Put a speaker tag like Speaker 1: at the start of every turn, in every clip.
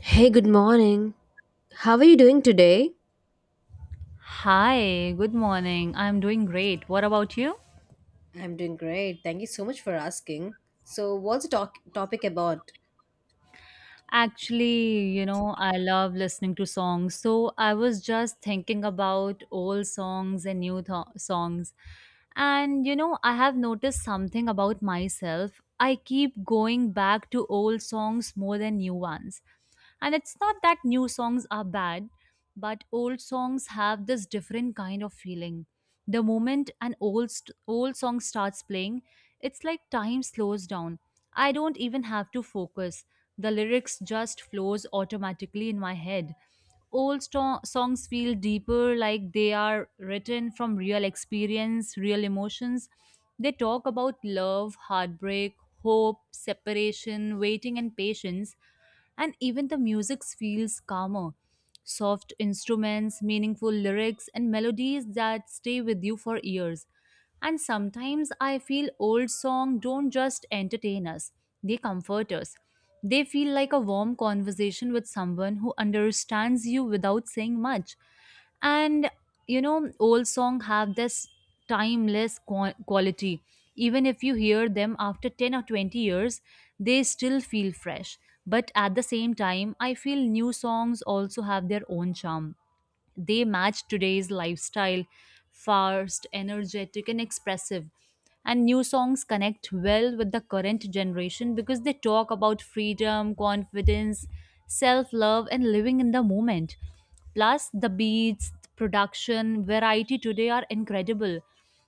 Speaker 1: Hey, good morning. How are you doing today?
Speaker 2: Hi, good morning. I'm doing great. What about you?
Speaker 1: I'm doing great. Thank you so much for asking. So, what's the topic about?
Speaker 2: Actually, you know, I love listening to songs. So I was just thinking about old songs and new songs. And, you know, I have noticed something about myself. I keep going back to old songs more than new ones. And it's not that new songs are bad, but old songs have this different kind of feeling. The moment an old song starts playing, it's like time slows down. I don't even have to focus. The lyrics just flows automatically in my head. Old songs feel deeper like they are written from real experience, real emotions. They talk about love, heartbreak, hope, separation, waiting and patience, and even the music feels calmer. Soft instruments, meaningful lyrics, and melodies that stay with you for years. And sometimes I feel old songs don't just entertain us, they comfort us. They feel like a warm conversation with someone who understands you without saying much. And you know, old songs have this timeless quality. Even if you hear them after 10 or 20 years, they still feel fresh. But at the same time, I feel new songs also have their own charm. They match today's lifestyle, fast, energetic, and expressive. And new songs connect well with the current generation because they talk about freedom, confidence, self love, and living in the moment. Plus, the beats, production, variety today are incredible.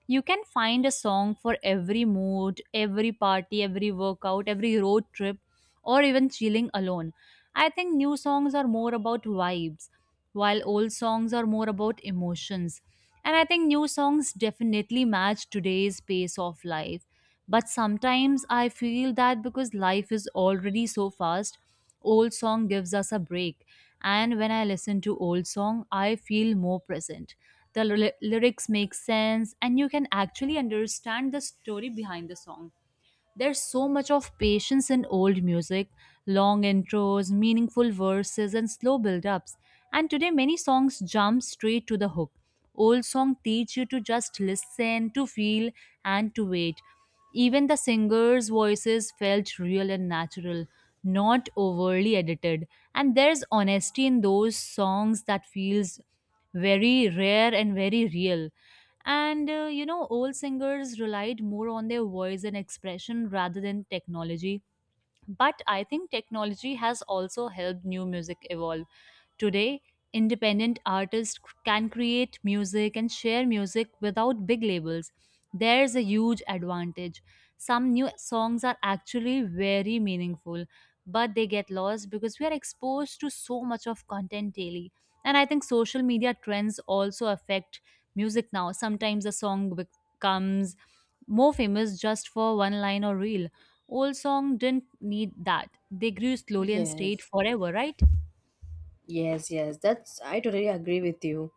Speaker 2: You can find a song for every mood, every party, every workout, every road trip, or even chilling alone. I think new songs are more about vibes, while old songs are more about emotions. And I think new songs definitely match today's pace of life. But sometimes I feel that because life is already so fast, old song gives us a break. And when I listen to old song, I feel more present. The lyrics make sense, and you can actually understand the story behind the song. There's so much of patience in old music, long intros, meaningful verses, and slow build-ups. And today many songs jump straight to the hook. Old songs teach you to just listen, to feel, and to wait. Even the singers' voices felt real and natural, not overly edited. And there's honesty in those songs that feels very rare and very real. And you know, old singers relied more on their voice and expression rather than technology. But I think technology has also helped new music evolve. Today, independent artists can create music and share music without big labels. There's a huge advantage. Some new songs are actually very meaningful, but they get lost because we are exposed to so much of content daily. And I think social media trends also affect music now. Sometimes a song becomes more famous just for one line or reel. Old song didn't need that. They grew slowly and stayed
Speaker 1: Yes.
Speaker 2: forever, right?
Speaker 1: Yes, yes, that's I totally agree with you.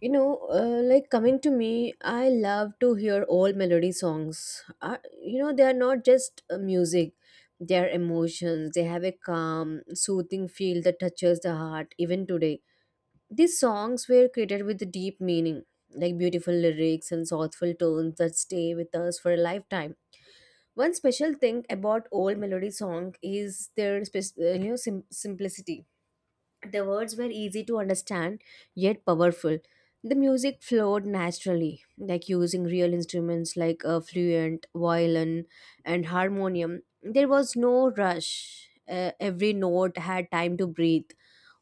Speaker 1: You know, like coming to me, I love to hear old melody songs. You know, they are not just music, they are emotions. They have a calm, soothing feel that touches the heart even today. These songs were created with deep meaning, like beautiful lyrics and thoughtful tones that stay with us for a lifetime. One special thing about old melody song is their you know simplicity. The words were easy to understand yet powerful. The music flowed naturally, like using real instruments like a fluent, violin, and harmonium. There was no rush. Every note had time to breathe.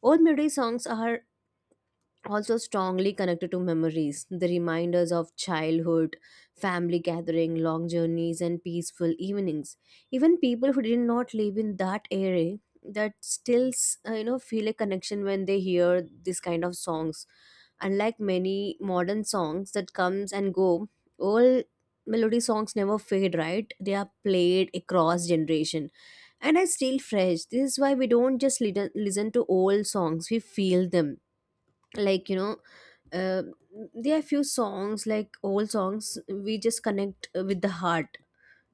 Speaker 1: Old melody songs are also strongly connected to memories, the reminders of childhood, family gathering, long journeys, and peaceful evenings. Even people who did not live in that area that still you know feel a connection when they hear this kind of songs. Unlike many modern songs that comes and go, old melody songs never fade. Right, they are played across generation and are still fresh. This is why we don't just listen to old songs; we feel them. Like you know, uh, there are few songs like old songs we just connect with the heart,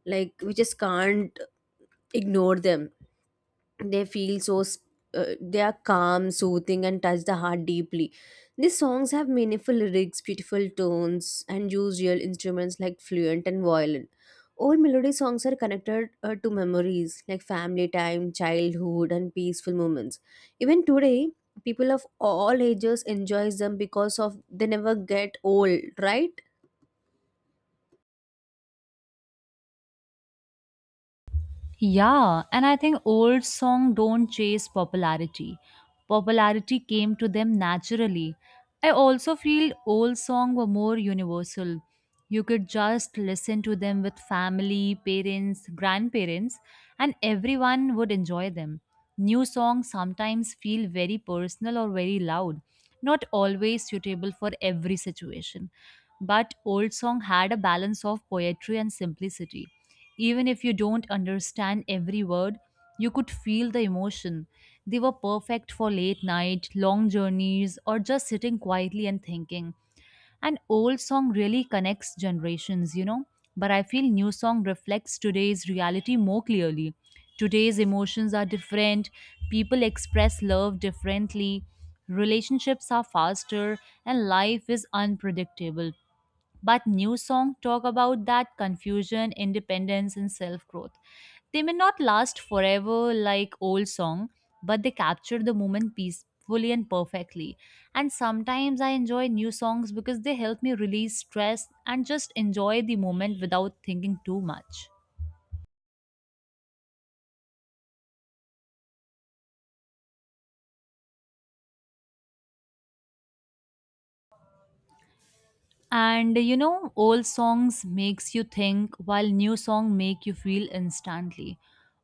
Speaker 1: like we just can't ignore them. They feel so they are calm, soothing, and touch the heart deeply. These songs have meaningful lyrics, beautiful tones, and use real instruments like fluent and violin. Old melody songs are connected to memories like family time, childhood, and peaceful moments. Even today, people of all ages enjoy them because of they never get old, right?
Speaker 2: Yeah, and I think old song don't chase popularity. Popularity came to them naturally. I also feel old song were more universal. You could just listen to them with family, parents, grandparents, and everyone would enjoy them. New songs sometimes feel very personal or very loud, not always suitable for every situation. But old song had a balance of poetry and simplicity. Even if you don't understand every word, you could feel the emotion. They were perfect for late night, long journeys, or just sitting quietly and thinking. An old song really connects generations, you know. But I feel new song reflects today's reality more clearly. Today's emotions are different, people express love differently, relationships are faster, and life is unpredictable. But new song talk about that confusion, independence, and self growth. They may not last forever like old song, but they capture the moment peacefully and perfectly. And sometimes I enjoy new songs because they help me release stress and just enjoy the moment without thinking too much. And you know, old songs makes you think, while new song make you feel instantly.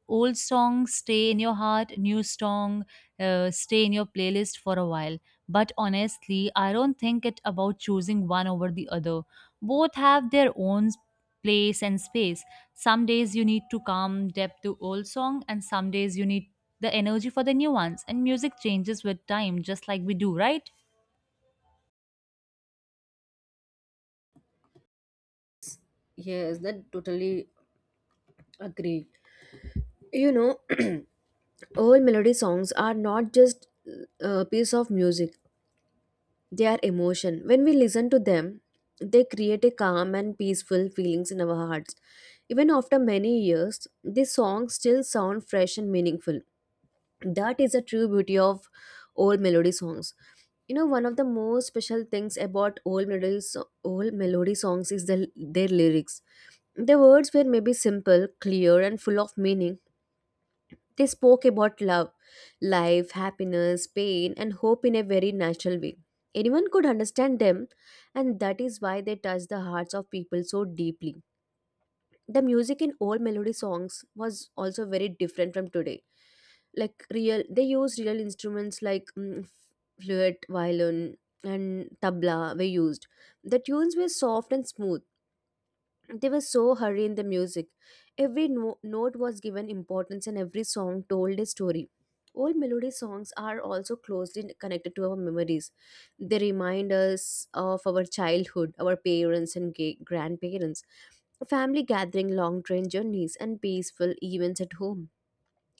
Speaker 2: Old songs stay in your heart, new song stay in your playlist for a while. But honestly, I don't think it about choosing one over the other. Both have their own place and space. Some days you need to calm depth to old song, and some days you need the energy for the new ones. And music changes with time, just like we do, right?
Speaker 1: Yes, that totally agree. You know, old melody songs are not just a piece of music, their emotion. When we listen to them, they create a calm and peaceful feelings in our hearts. Even after many years, these songs still sound fresh and meaningful. That is the true beauty of old melody songs. You know, one of the most special things about old melody songs is their lyrics. The words were maybe simple, clear, and full of meaning. They spoke about love, life, happiness, pain, and hope in a very natural way. Anyone could understand them, and that is why they touched the hearts of people so deeply. The music in old melody songs was also very different from today. Like real, they used real instruments like flute, violin, and tabla were used. The tunes were soft and smooth, they were so hurried in the music. Every note was given importance and every song told a story. Old melody songs are also closely connected to our memories. They remind us of our childhood, our parents and grandparents, family gathering, long train journeys, and peaceful events at home.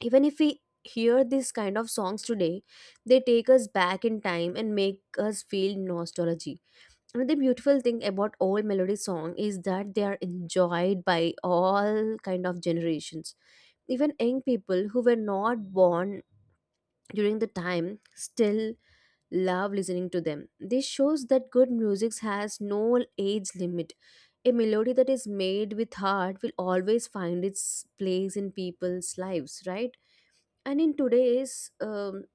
Speaker 1: Even if we hear these kind of songs today, they take us back in time and make us feel nostalgia. Another beautiful thing about old melody song is that they are enjoyed by all kind of generations. Even young people who were not born during the time still love listening to them. This shows that good music has no age limit. A melody that is made with heart will always find its place in people's lives, right? And in today's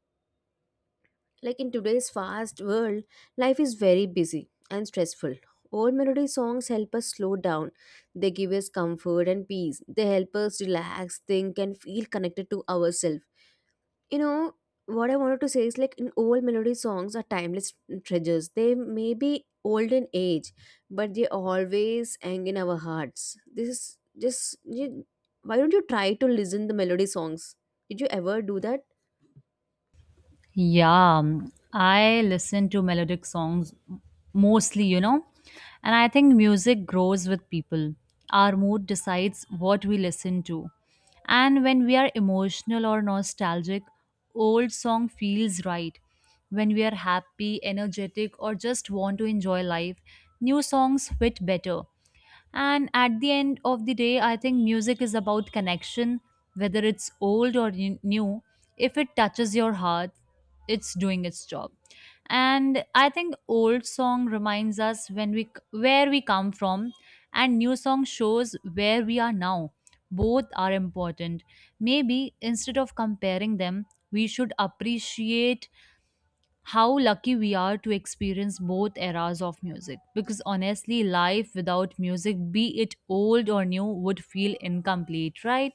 Speaker 1: like in today's fast world, life is very busy and stressful. Old melody songs help us slow down. They give us comfort and peace. They help us relax, think, and feel connected to ourselves. You know, what I wanted to say is like in old melody songs are timeless treasures. They may be old in age, but they always hang in our hearts. This is just you, why don't you try to listen the melody songs? Did you ever do that?
Speaker 2: Yeah, I listen to melodic songs mostly, you know, and I think music grows with people. Our mood decides what we listen to. And when we are emotional or nostalgic, old song feels right. When we are happy, energetic, or just want to enjoy life, new songs fit better. And at the end of the day, I think music is about connection, whether it's old or new. If it touches your heart, it's doing its job. And I think old song reminds us, where we come from, and new song shows where we are now. Both are important. Maybe instead of comparing them, we should appreciate how lucky we are to experience both eras of music, because honestly, life without music, be it old or new, would feel incomplete, right?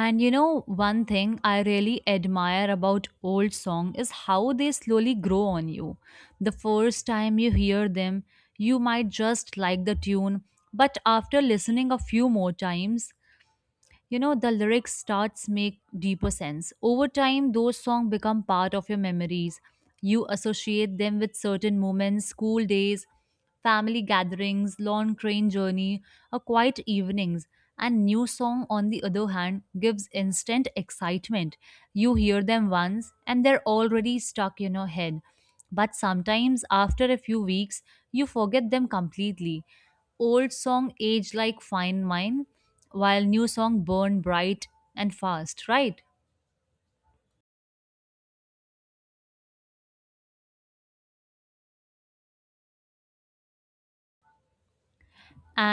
Speaker 2: And you know, one thing I really admire about old song is how they slowly grow on you. The first time you hear them, you might just like the tune, but after listening a few more times, the lyrics starts make deeper sense. Over time those songs become part of your memories. You associate them with certain moments, school days, family gatherings, long train journey, or quiet evenings. And new song on the other hand gives instant excitement. You hear them once and they're already stuck in your head. But sometimes after a few weeks you forget them completely. Old song age like fine wine, while new song burn bright and fast, right?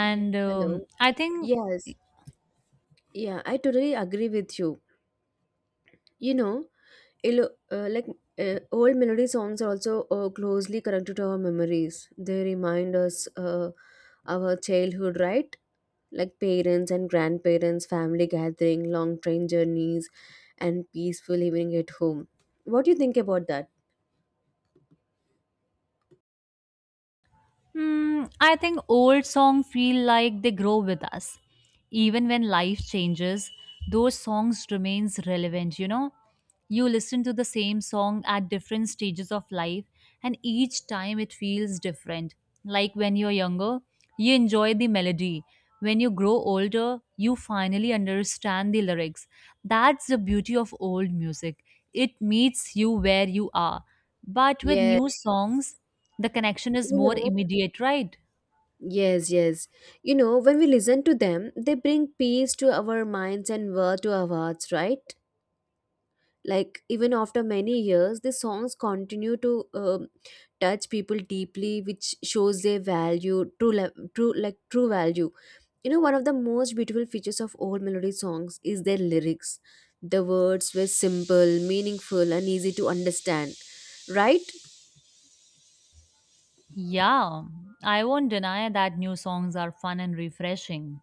Speaker 1: Yeah. Hello.
Speaker 2: I think.
Speaker 1: Yes, yeah, I totally agree with you. You know, like old melody songs are also closely connected to our memories. They remind us our childhood, right? Like parents and grandparents, family gathering, long train journeys, and peaceful evening at home. What do you think about that?
Speaker 2: Hmm, I think old songs feel like they grow with us. Even when life changes, those songs remains relevant, you know. You listen to the same song at different stages of life, and each time it feels different. Like when you're younger, you enjoy the melody. When you grow older, you finally understand the lyrics. That's the beauty of old music. It meets you where you are. But with
Speaker 1: Yeah,
Speaker 2: new songs, the connection is
Speaker 1: you
Speaker 2: more
Speaker 1: know,
Speaker 2: immediate, right?
Speaker 1: yes, yes. You know, when we listen to them, they bring peace to our minds and word to our hearts, right? Like even after many years the songs continue to touch people deeply, which shows their value, true, like true value. You know, one of the most beautiful features of old melody songs is their lyrics. The words were simple, meaningful, and easy to understand, right?
Speaker 2: Yeah, I won't deny that new songs are fun and refreshing.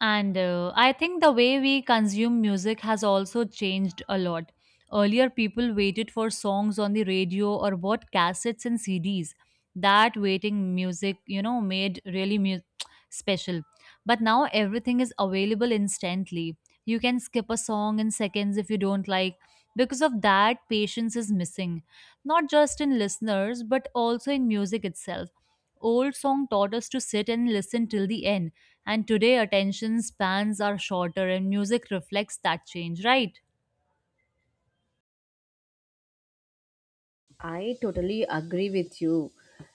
Speaker 2: And I think the way we consume music has also changed a lot. Earlier, people waited for songs on the radio or bought cassettes and CDs. That waiting music, you know, made really special. But now everything is available instantly. You can skip a song in seconds if you don't like. Because of that, patience is missing, not just in listeners, but also in music itself. Old song taught us to sit and listen till the end, and today, attention spans are shorter, and music reflects that change, right?
Speaker 1: I totally agree with you.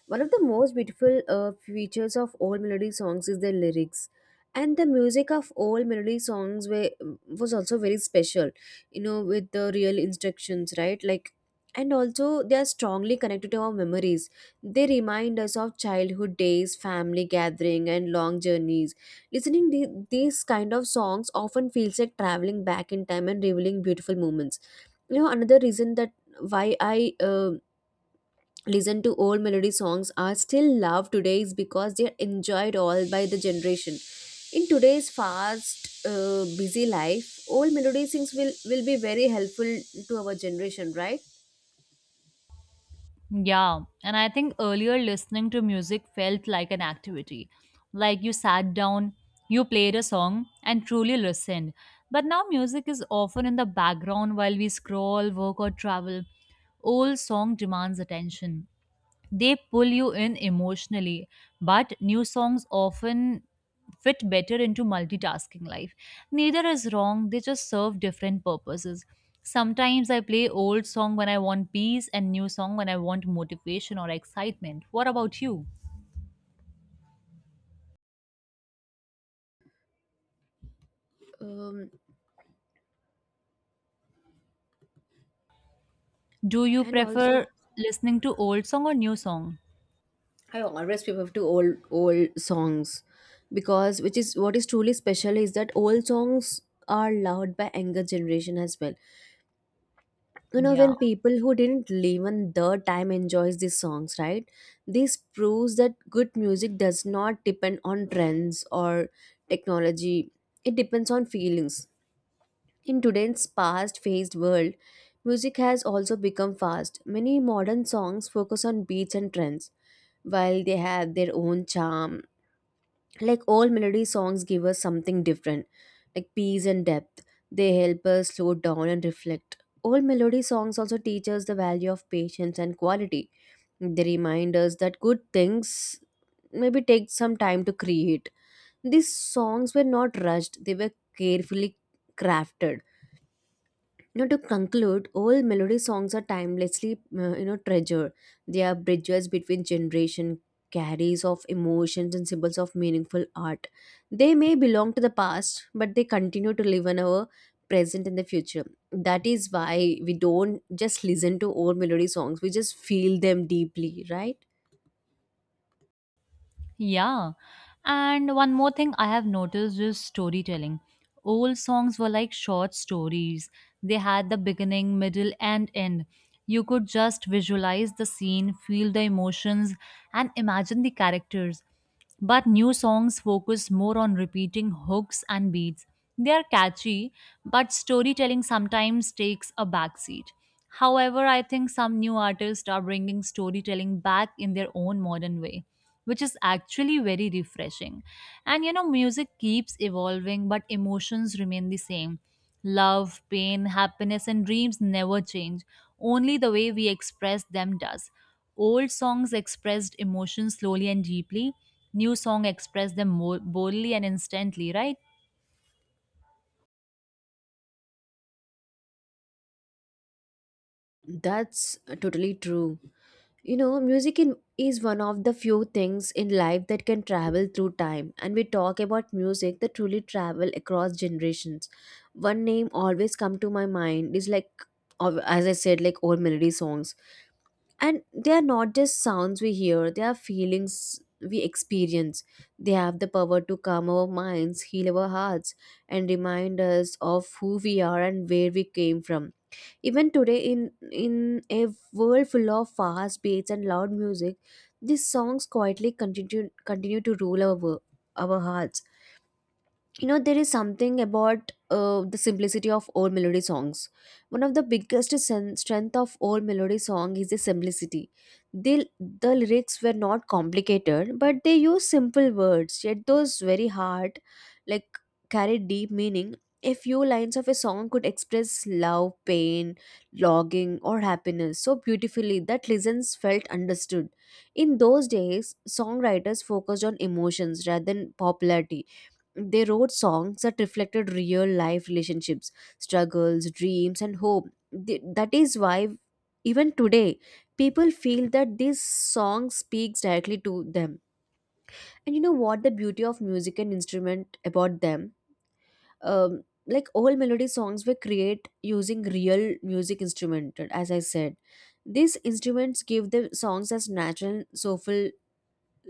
Speaker 1: One of the most beautiful features of old melody songs is their lyrics, and the music of old melody songs was also very special. You know, with the real instructions, right? Like, and also they are strongly connected to our memories. They remind us of childhood days, family gathering, and long journeys. These kind of songs often feels like traveling back in time and revealing beautiful moments. You know, another reason that why I listen to old melody songs are still loved today is because they're enjoyed all by the generation. In today's fast busy life, old melody things will be very helpful to our generation, right?
Speaker 2: Yeah, and I think earlier listening to music felt like an activity. Like you sat down, you played a song, and truly listened. But now music is often in the background while we scroll, work, or travel. Old song demands attention. They pull you in emotionally, but new songs often fit better into multitasking life. Neither is wrong, they just serve different purposes. Sometimes I play old song when I want peace, and new song when I want motivation or excitement. What about you?
Speaker 1: um,
Speaker 2: Do you
Speaker 1: and
Speaker 2: prefer
Speaker 1: also
Speaker 2: listening to old song or new song?
Speaker 1: I always prefer to old songs, because which is what is truly special is that old songs are loved by younger generation as well. You know,
Speaker 2: Yeah.
Speaker 1: when people who didn't live on their time enjoys these songs, right? This proves that good music does not depend on trends or technology, it depends on feelings. In today's fast paced world, music has also become fast. Many modern songs focus on beats and trends, while they have their own charm, like all melody songs give us something different, like peace and depth. They help us slow down and reflect. All melody songs also teach us the value of patience and quality. They remind us that good things maybe take some time to create. These songs were not rushed, they were carefully crafted. Now, to conclude, old melody songs are timelessly, you know, treasured. They are bridges between generation, carriers of emotions, and symbols of meaningful art. They may belong to the past, but they continue to live in our present and the future. That is why we don't just listen to old melody songs; we just feel them deeply, right?
Speaker 2: Yeah. And one more thing I have noticed is storytelling. Old songs were like short stories, they had the beginning, middle, and end. You could just visualize the scene, feel the emotions, and imagine the characters. But new songs focus more on repeating hooks and beats. They are catchy, but storytelling sometimes takes a backseat. However, I think some new artists are bringing storytelling back in their own modern way, which is actually very refreshing. And you know, music keeps evolving, but emotions remain the same. Love, pain, happiness, and dreams never change. Only the way we express them does. Old songs expressed emotions slowly and deeply. New song express them more boldly and instantly, right?
Speaker 1: That's totally true. You know, is one of the few things in life that can travel through time, and we talk about music that truly travel across generations. One name always come to my mind is like, as I said, like old melody songs, and they are not just sounds we hear; they are feelings we experience. They have the power to calm our minds, heal our hearts, and remind us of who we are and where we came from. Even today, in a world full of fast beats and loud music, these songs quietly continue to rule our hearts. You know, there is something about the simplicity of old melody songs. One of the biggest strength of old melody song is the simplicity. The lyrics were not complicated, but they use simple words, yet those very hard, like, carry deep meaning. A few lines of a song could express love, pain, longing, or happiness so beautifully that listeners felt understood. In those days, songwriters focused on emotions rather than popularity. They wrote songs that reflected real life relationships, struggles, dreams, and hope. That is why, even today, people feel that this song speaks directly to them. And you know what the beauty of music and instrument about them? Like all melody songs were create using real music instrument, as I said. These instruments give the songs as natural, soulful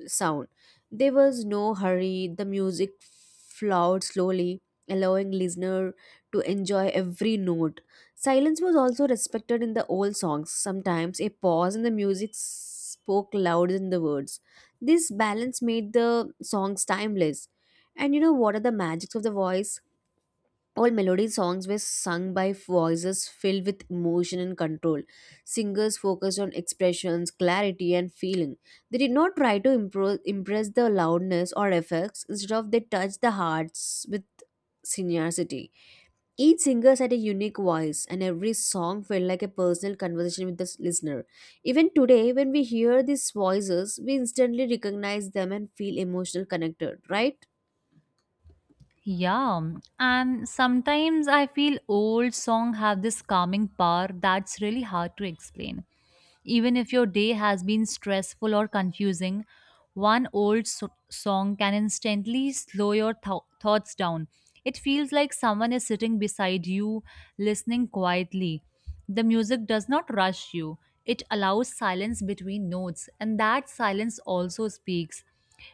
Speaker 1: sound. There was no hurry, the music flowed slowly, allowing listener to enjoy every note. Silence was also respected in the old songs. Sometimes a pause in the music spoke louder than the words. This balance made the songs timeless. And you know what are the magics of the voice? All melody songs were sung by voices filled with emotion and control. Singers focused on expressions, clarity, and feeling. They did not try to impress the loudness or effects, instead of they touched the hearts with sincerity. Each singer had a unique voice, and every song felt like a personal conversation with the listener. Even today, when we hear these voices, we instantly recognize them and feel emotional connected, right?
Speaker 2: Yeah, and sometimes I feel old songs have this calming power that's really hard to explain. Even if your day has been stressful or confusing, one old song can instantly slow your thoughts down. It feels like someone is sitting beside you, listening quietly. The music does not rush you, it allows silence between notes, and that silence also speaks.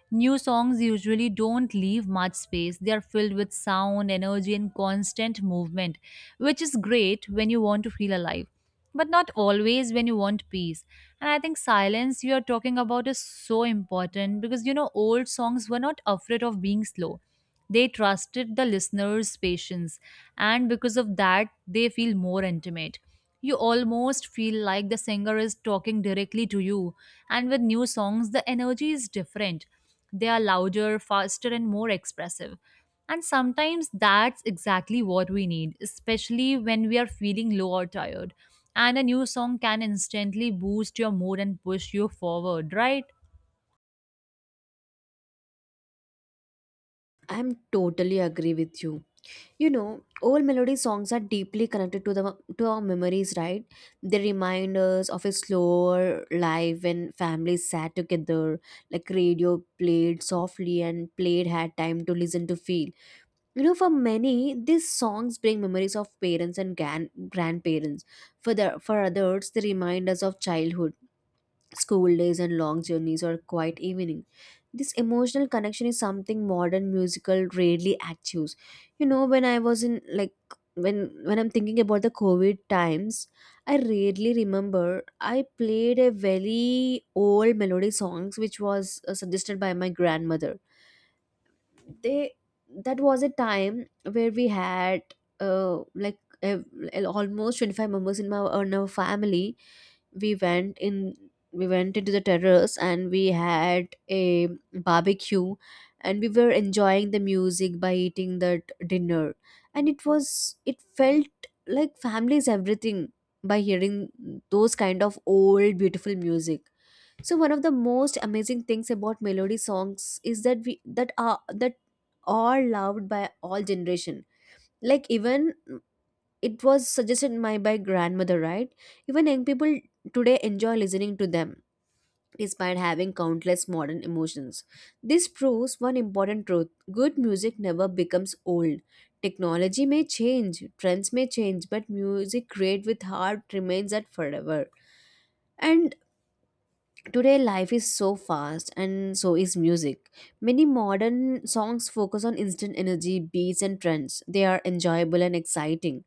Speaker 2: New songs usually don't leave much space. They are filled with sound, energy, and constant movement, which is great when you want to feel alive, but not always when you want peace. And I think silence you are talking about is so important, because you know, old songs were not afraid of being slow. They trusted the listener's patience, and because of that, they feel more intimate. You almost feel like the singer is talking directly to you. And with new songs, the energy is different. They are louder, faster, and more expressive. And sometimes that's exactly what we need, especially when we are feeling low or tired. And a new song can instantly boost your mood and push you forward, right?
Speaker 1: I'm totally agree with you. You know, old melody songs are deeply connected to the to our memories, right? They remind us of a slower life when families sat together, like radio played softly and played had time to listen to feel. You know, for many, these songs bring memories of parents and grandparents. For others, they remind us of childhood school days and long journeys or quiet evening. This emotional connection is something modern musical rarely achieves. You know, when I was in like when I'm thinking about the COVID times, I rarely remember I played a very old melody songs which was suggested by my grandmother. They That was a time where we had uh, like ev- almost 25 members in my in our family. we went in we went into the terrace and we had a barbecue, and we were enjoying the music by eating that dinner. And it felt like family is everything by hearing those kind of old beautiful music. So one of the most amazing things about melody songs is that we that are loved by all generation, like even it was suggested my by grandmother, right? Even young people today enjoy listening to them despite having countless modern emotions. This proves one important truth: good music never becomes old. Technology may change, trends may change, but music created with heart remains that forever. And today, life is so fast, and so is music. Many modern songs focus on instant energy, beats, and trends. They are enjoyable and exciting,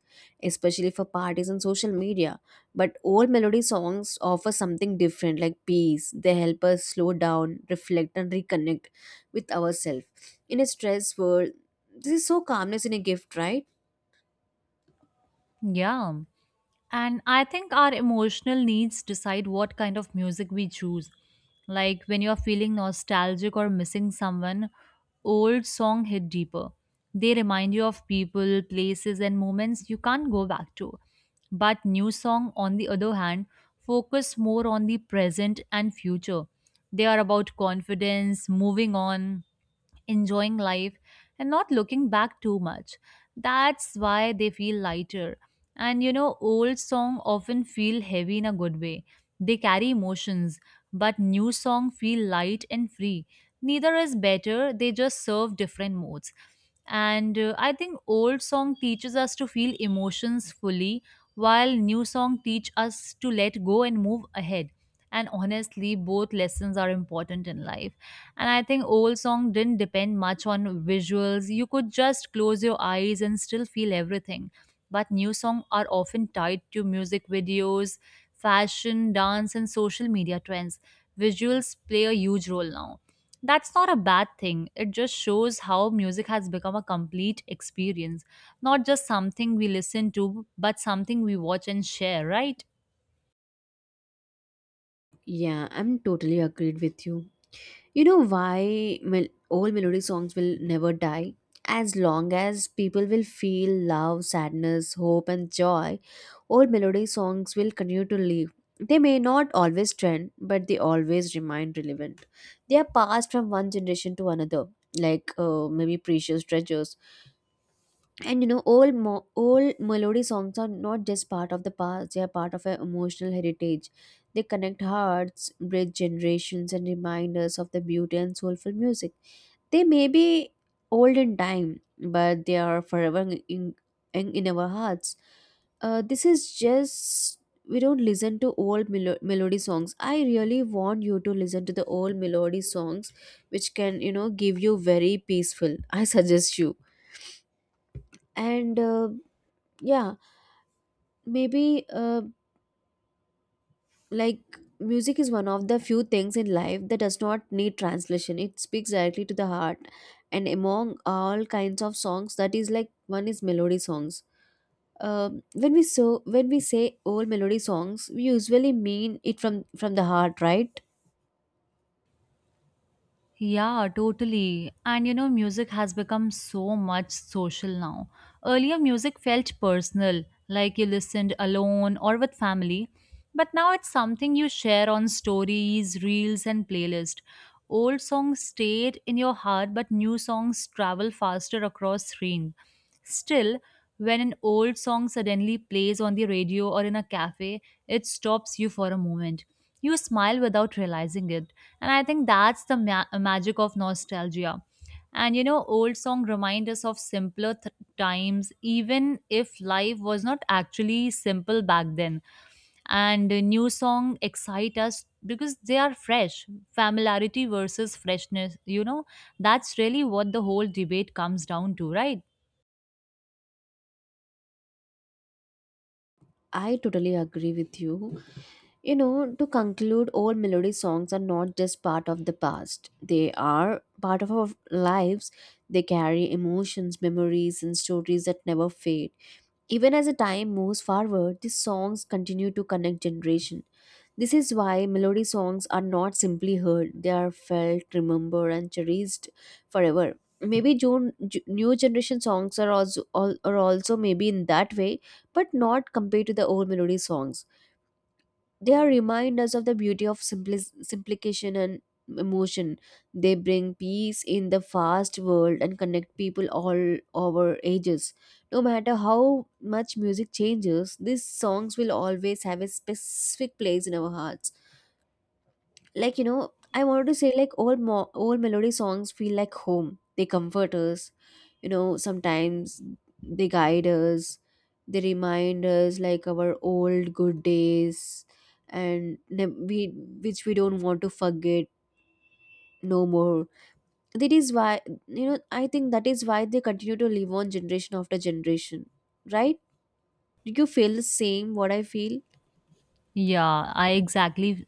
Speaker 1: especially for parties and social media. But old melody songs offer something different, like peace. They help us slow down, reflect, and reconnect with ourselves. In a stressed world, this is so calmness in a gift, right?
Speaker 2: Yeah. And I think our emotional needs decide what kind of music we choose. Like when you're feeling nostalgic or missing someone, old song hit deeper. They remind you of people, places and moments you can't go back to. But new song on the other hand focus more on the present and future. They are about confidence, moving on, enjoying life and not looking back too much. That's why they feel lighter. And you know, old songs often feel heavy in a good way. They carry emotions, but new songs feel light and free. Neither is better, they just serve different modes. And I think old song teaches us to feel emotions fully while new song teach us to let go and move ahead. And honestly, both lessons are important in life and I think old song didn't depend much on visuals. You could just close your eyes and still feel everything. But new songs are often tied to music videos, fashion, dance, and social media trends. Visuals play a huge role now. That's not a bad thing. It just shows how music has become a complete experience, not just something we listen to, but something we watch and share, right?
Speaker 1: Yeah, I'm totally agreed with you. You know why old melodic songs will never die? As long as people will feel love, sadness, hope, and joy, old melodic songs will continue to live. They may not always trend, but they always remain relevant. They are passed from one generation to another, like maybe precious treasures. And you know, old melody songs are not just part of the past, they are part of our emotional heritage. They connect hearts, bridge generations, and remind us of the beauty and soulful music. They may be old in time, but they are forever in, in our hearts. This is just, we don't listen to old melody songs. I really want you to listen to the old melody songs, which can, you know, give you very peaceful I suggest you. And yeah, maybe like music is one of the few things in life that does not need translation. It speaks directly to the heart, and among all kinds of songs, that is like one is melody songs. Um when we so when we say old melody songs, we usually mean it from the heart, right?
Speaker 2: Yeah, totally. And you know, music has become so much social now. Earlier, music felt personal, like you listened alone or with family. But now it's something you share on stories, reels, and playlist. Old songs stayed in your heart, but new songs travel faster across screen. Still, when an old song suddenly plays on the radio or in a cafe, it stops you for a moment. You smile without realizing it and I think that's the magic of nostalgia. And you know, old song remind us of simpler times, even if life was not actually simple back then. And New song excite us because they are fresh. Familiarity versus freshness, you know, that's really what the whole debate comes down to, right?
Speaker 1: I totally agree with you. You know, to conclude, old melody songs are not just part of the past, they are part of our lives. They carry emotions, memories, and stories that never fade. Even as the time moves forward, these songs continue to connect generation. This is why melody songs are not simply heard, they are felt, remembered, and cherished forever. Maybe June, new generation songs are also, are also maybe in that way, but not compared to the old melody songs. They are reminders of the beauty of simplification and emotion. They bring peace in the fast world and connect people all over ages. No matter how much music changes, these songs will always have a specific place in our hearts. Like, you know, I wanted to say, like, old melody songs feel like home. They comfort us, you know, sometimes they guide us, they remind us like our old good days, and we, which we don't want to forget no more. That is why, you know, I think that is why they continue to live on generation after generation, right? Do you feel the same what I feel?
Speaker 2: Yeah, I exactly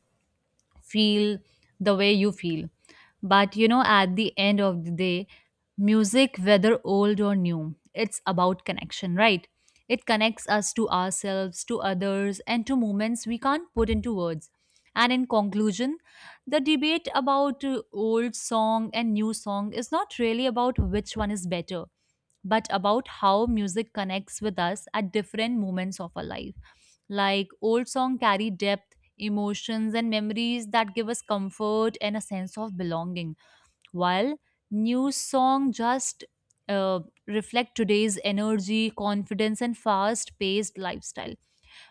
Speaker 2: feel the way you feel. But you know, at the end of the day, music, whether old or new, it's about connection, right? It connects us to ourselves, to others, and to moments we can't put into words. And in conclusion, the debate about old song and new song is not really about which one is better, but about how music connects with us at different moments of our life. Like old song carry depth, emotions, and memories that give us comfort and a sense of belonging, while new song just uh, reflect today's energy, confidence, and fast paced lifestyle.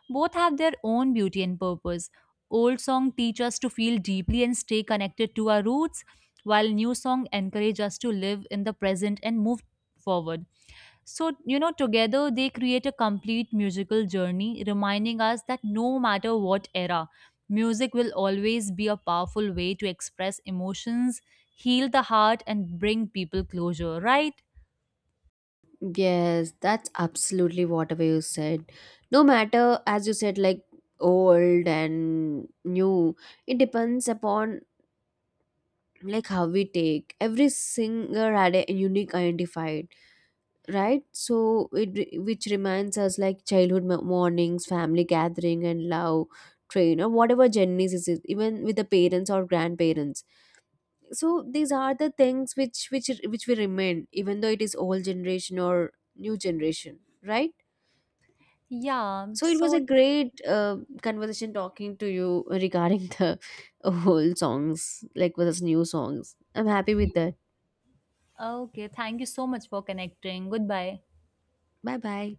Speaker 2: Both have their own beauty and purpose. Old song teach us to feel deeply and stay connected to our roots, while new song encourage us to live in the present and move forward. So, you know, together they create a complete musical journey, reminding us that no matter what era, music will always be a powerful way to express emotions, heal the heart, and bring people closure, right?
Speaker 1: Yes, that's absolutely whatever you said. No matter, as you said, like old and new, it depends upon like how we take. Every singer had a unique identified, right? So which reminds us like childhood mornings, family gathering, and love train or whatever journeys is it, even with the parents or grandparents. So these are the things which which we remain, even though it is old generation or new generation, right?
Speaker 2: Yeah.
Speaker 1: So it was
Speaker 2: So,
Speaker 1: a great conversation talking to you regarding the whole songs, like with us new songs. I'm happy with that.
Speaker 2: okay. Thank you so much for connecting. Goodbye.
Speaker 1: Bye bye.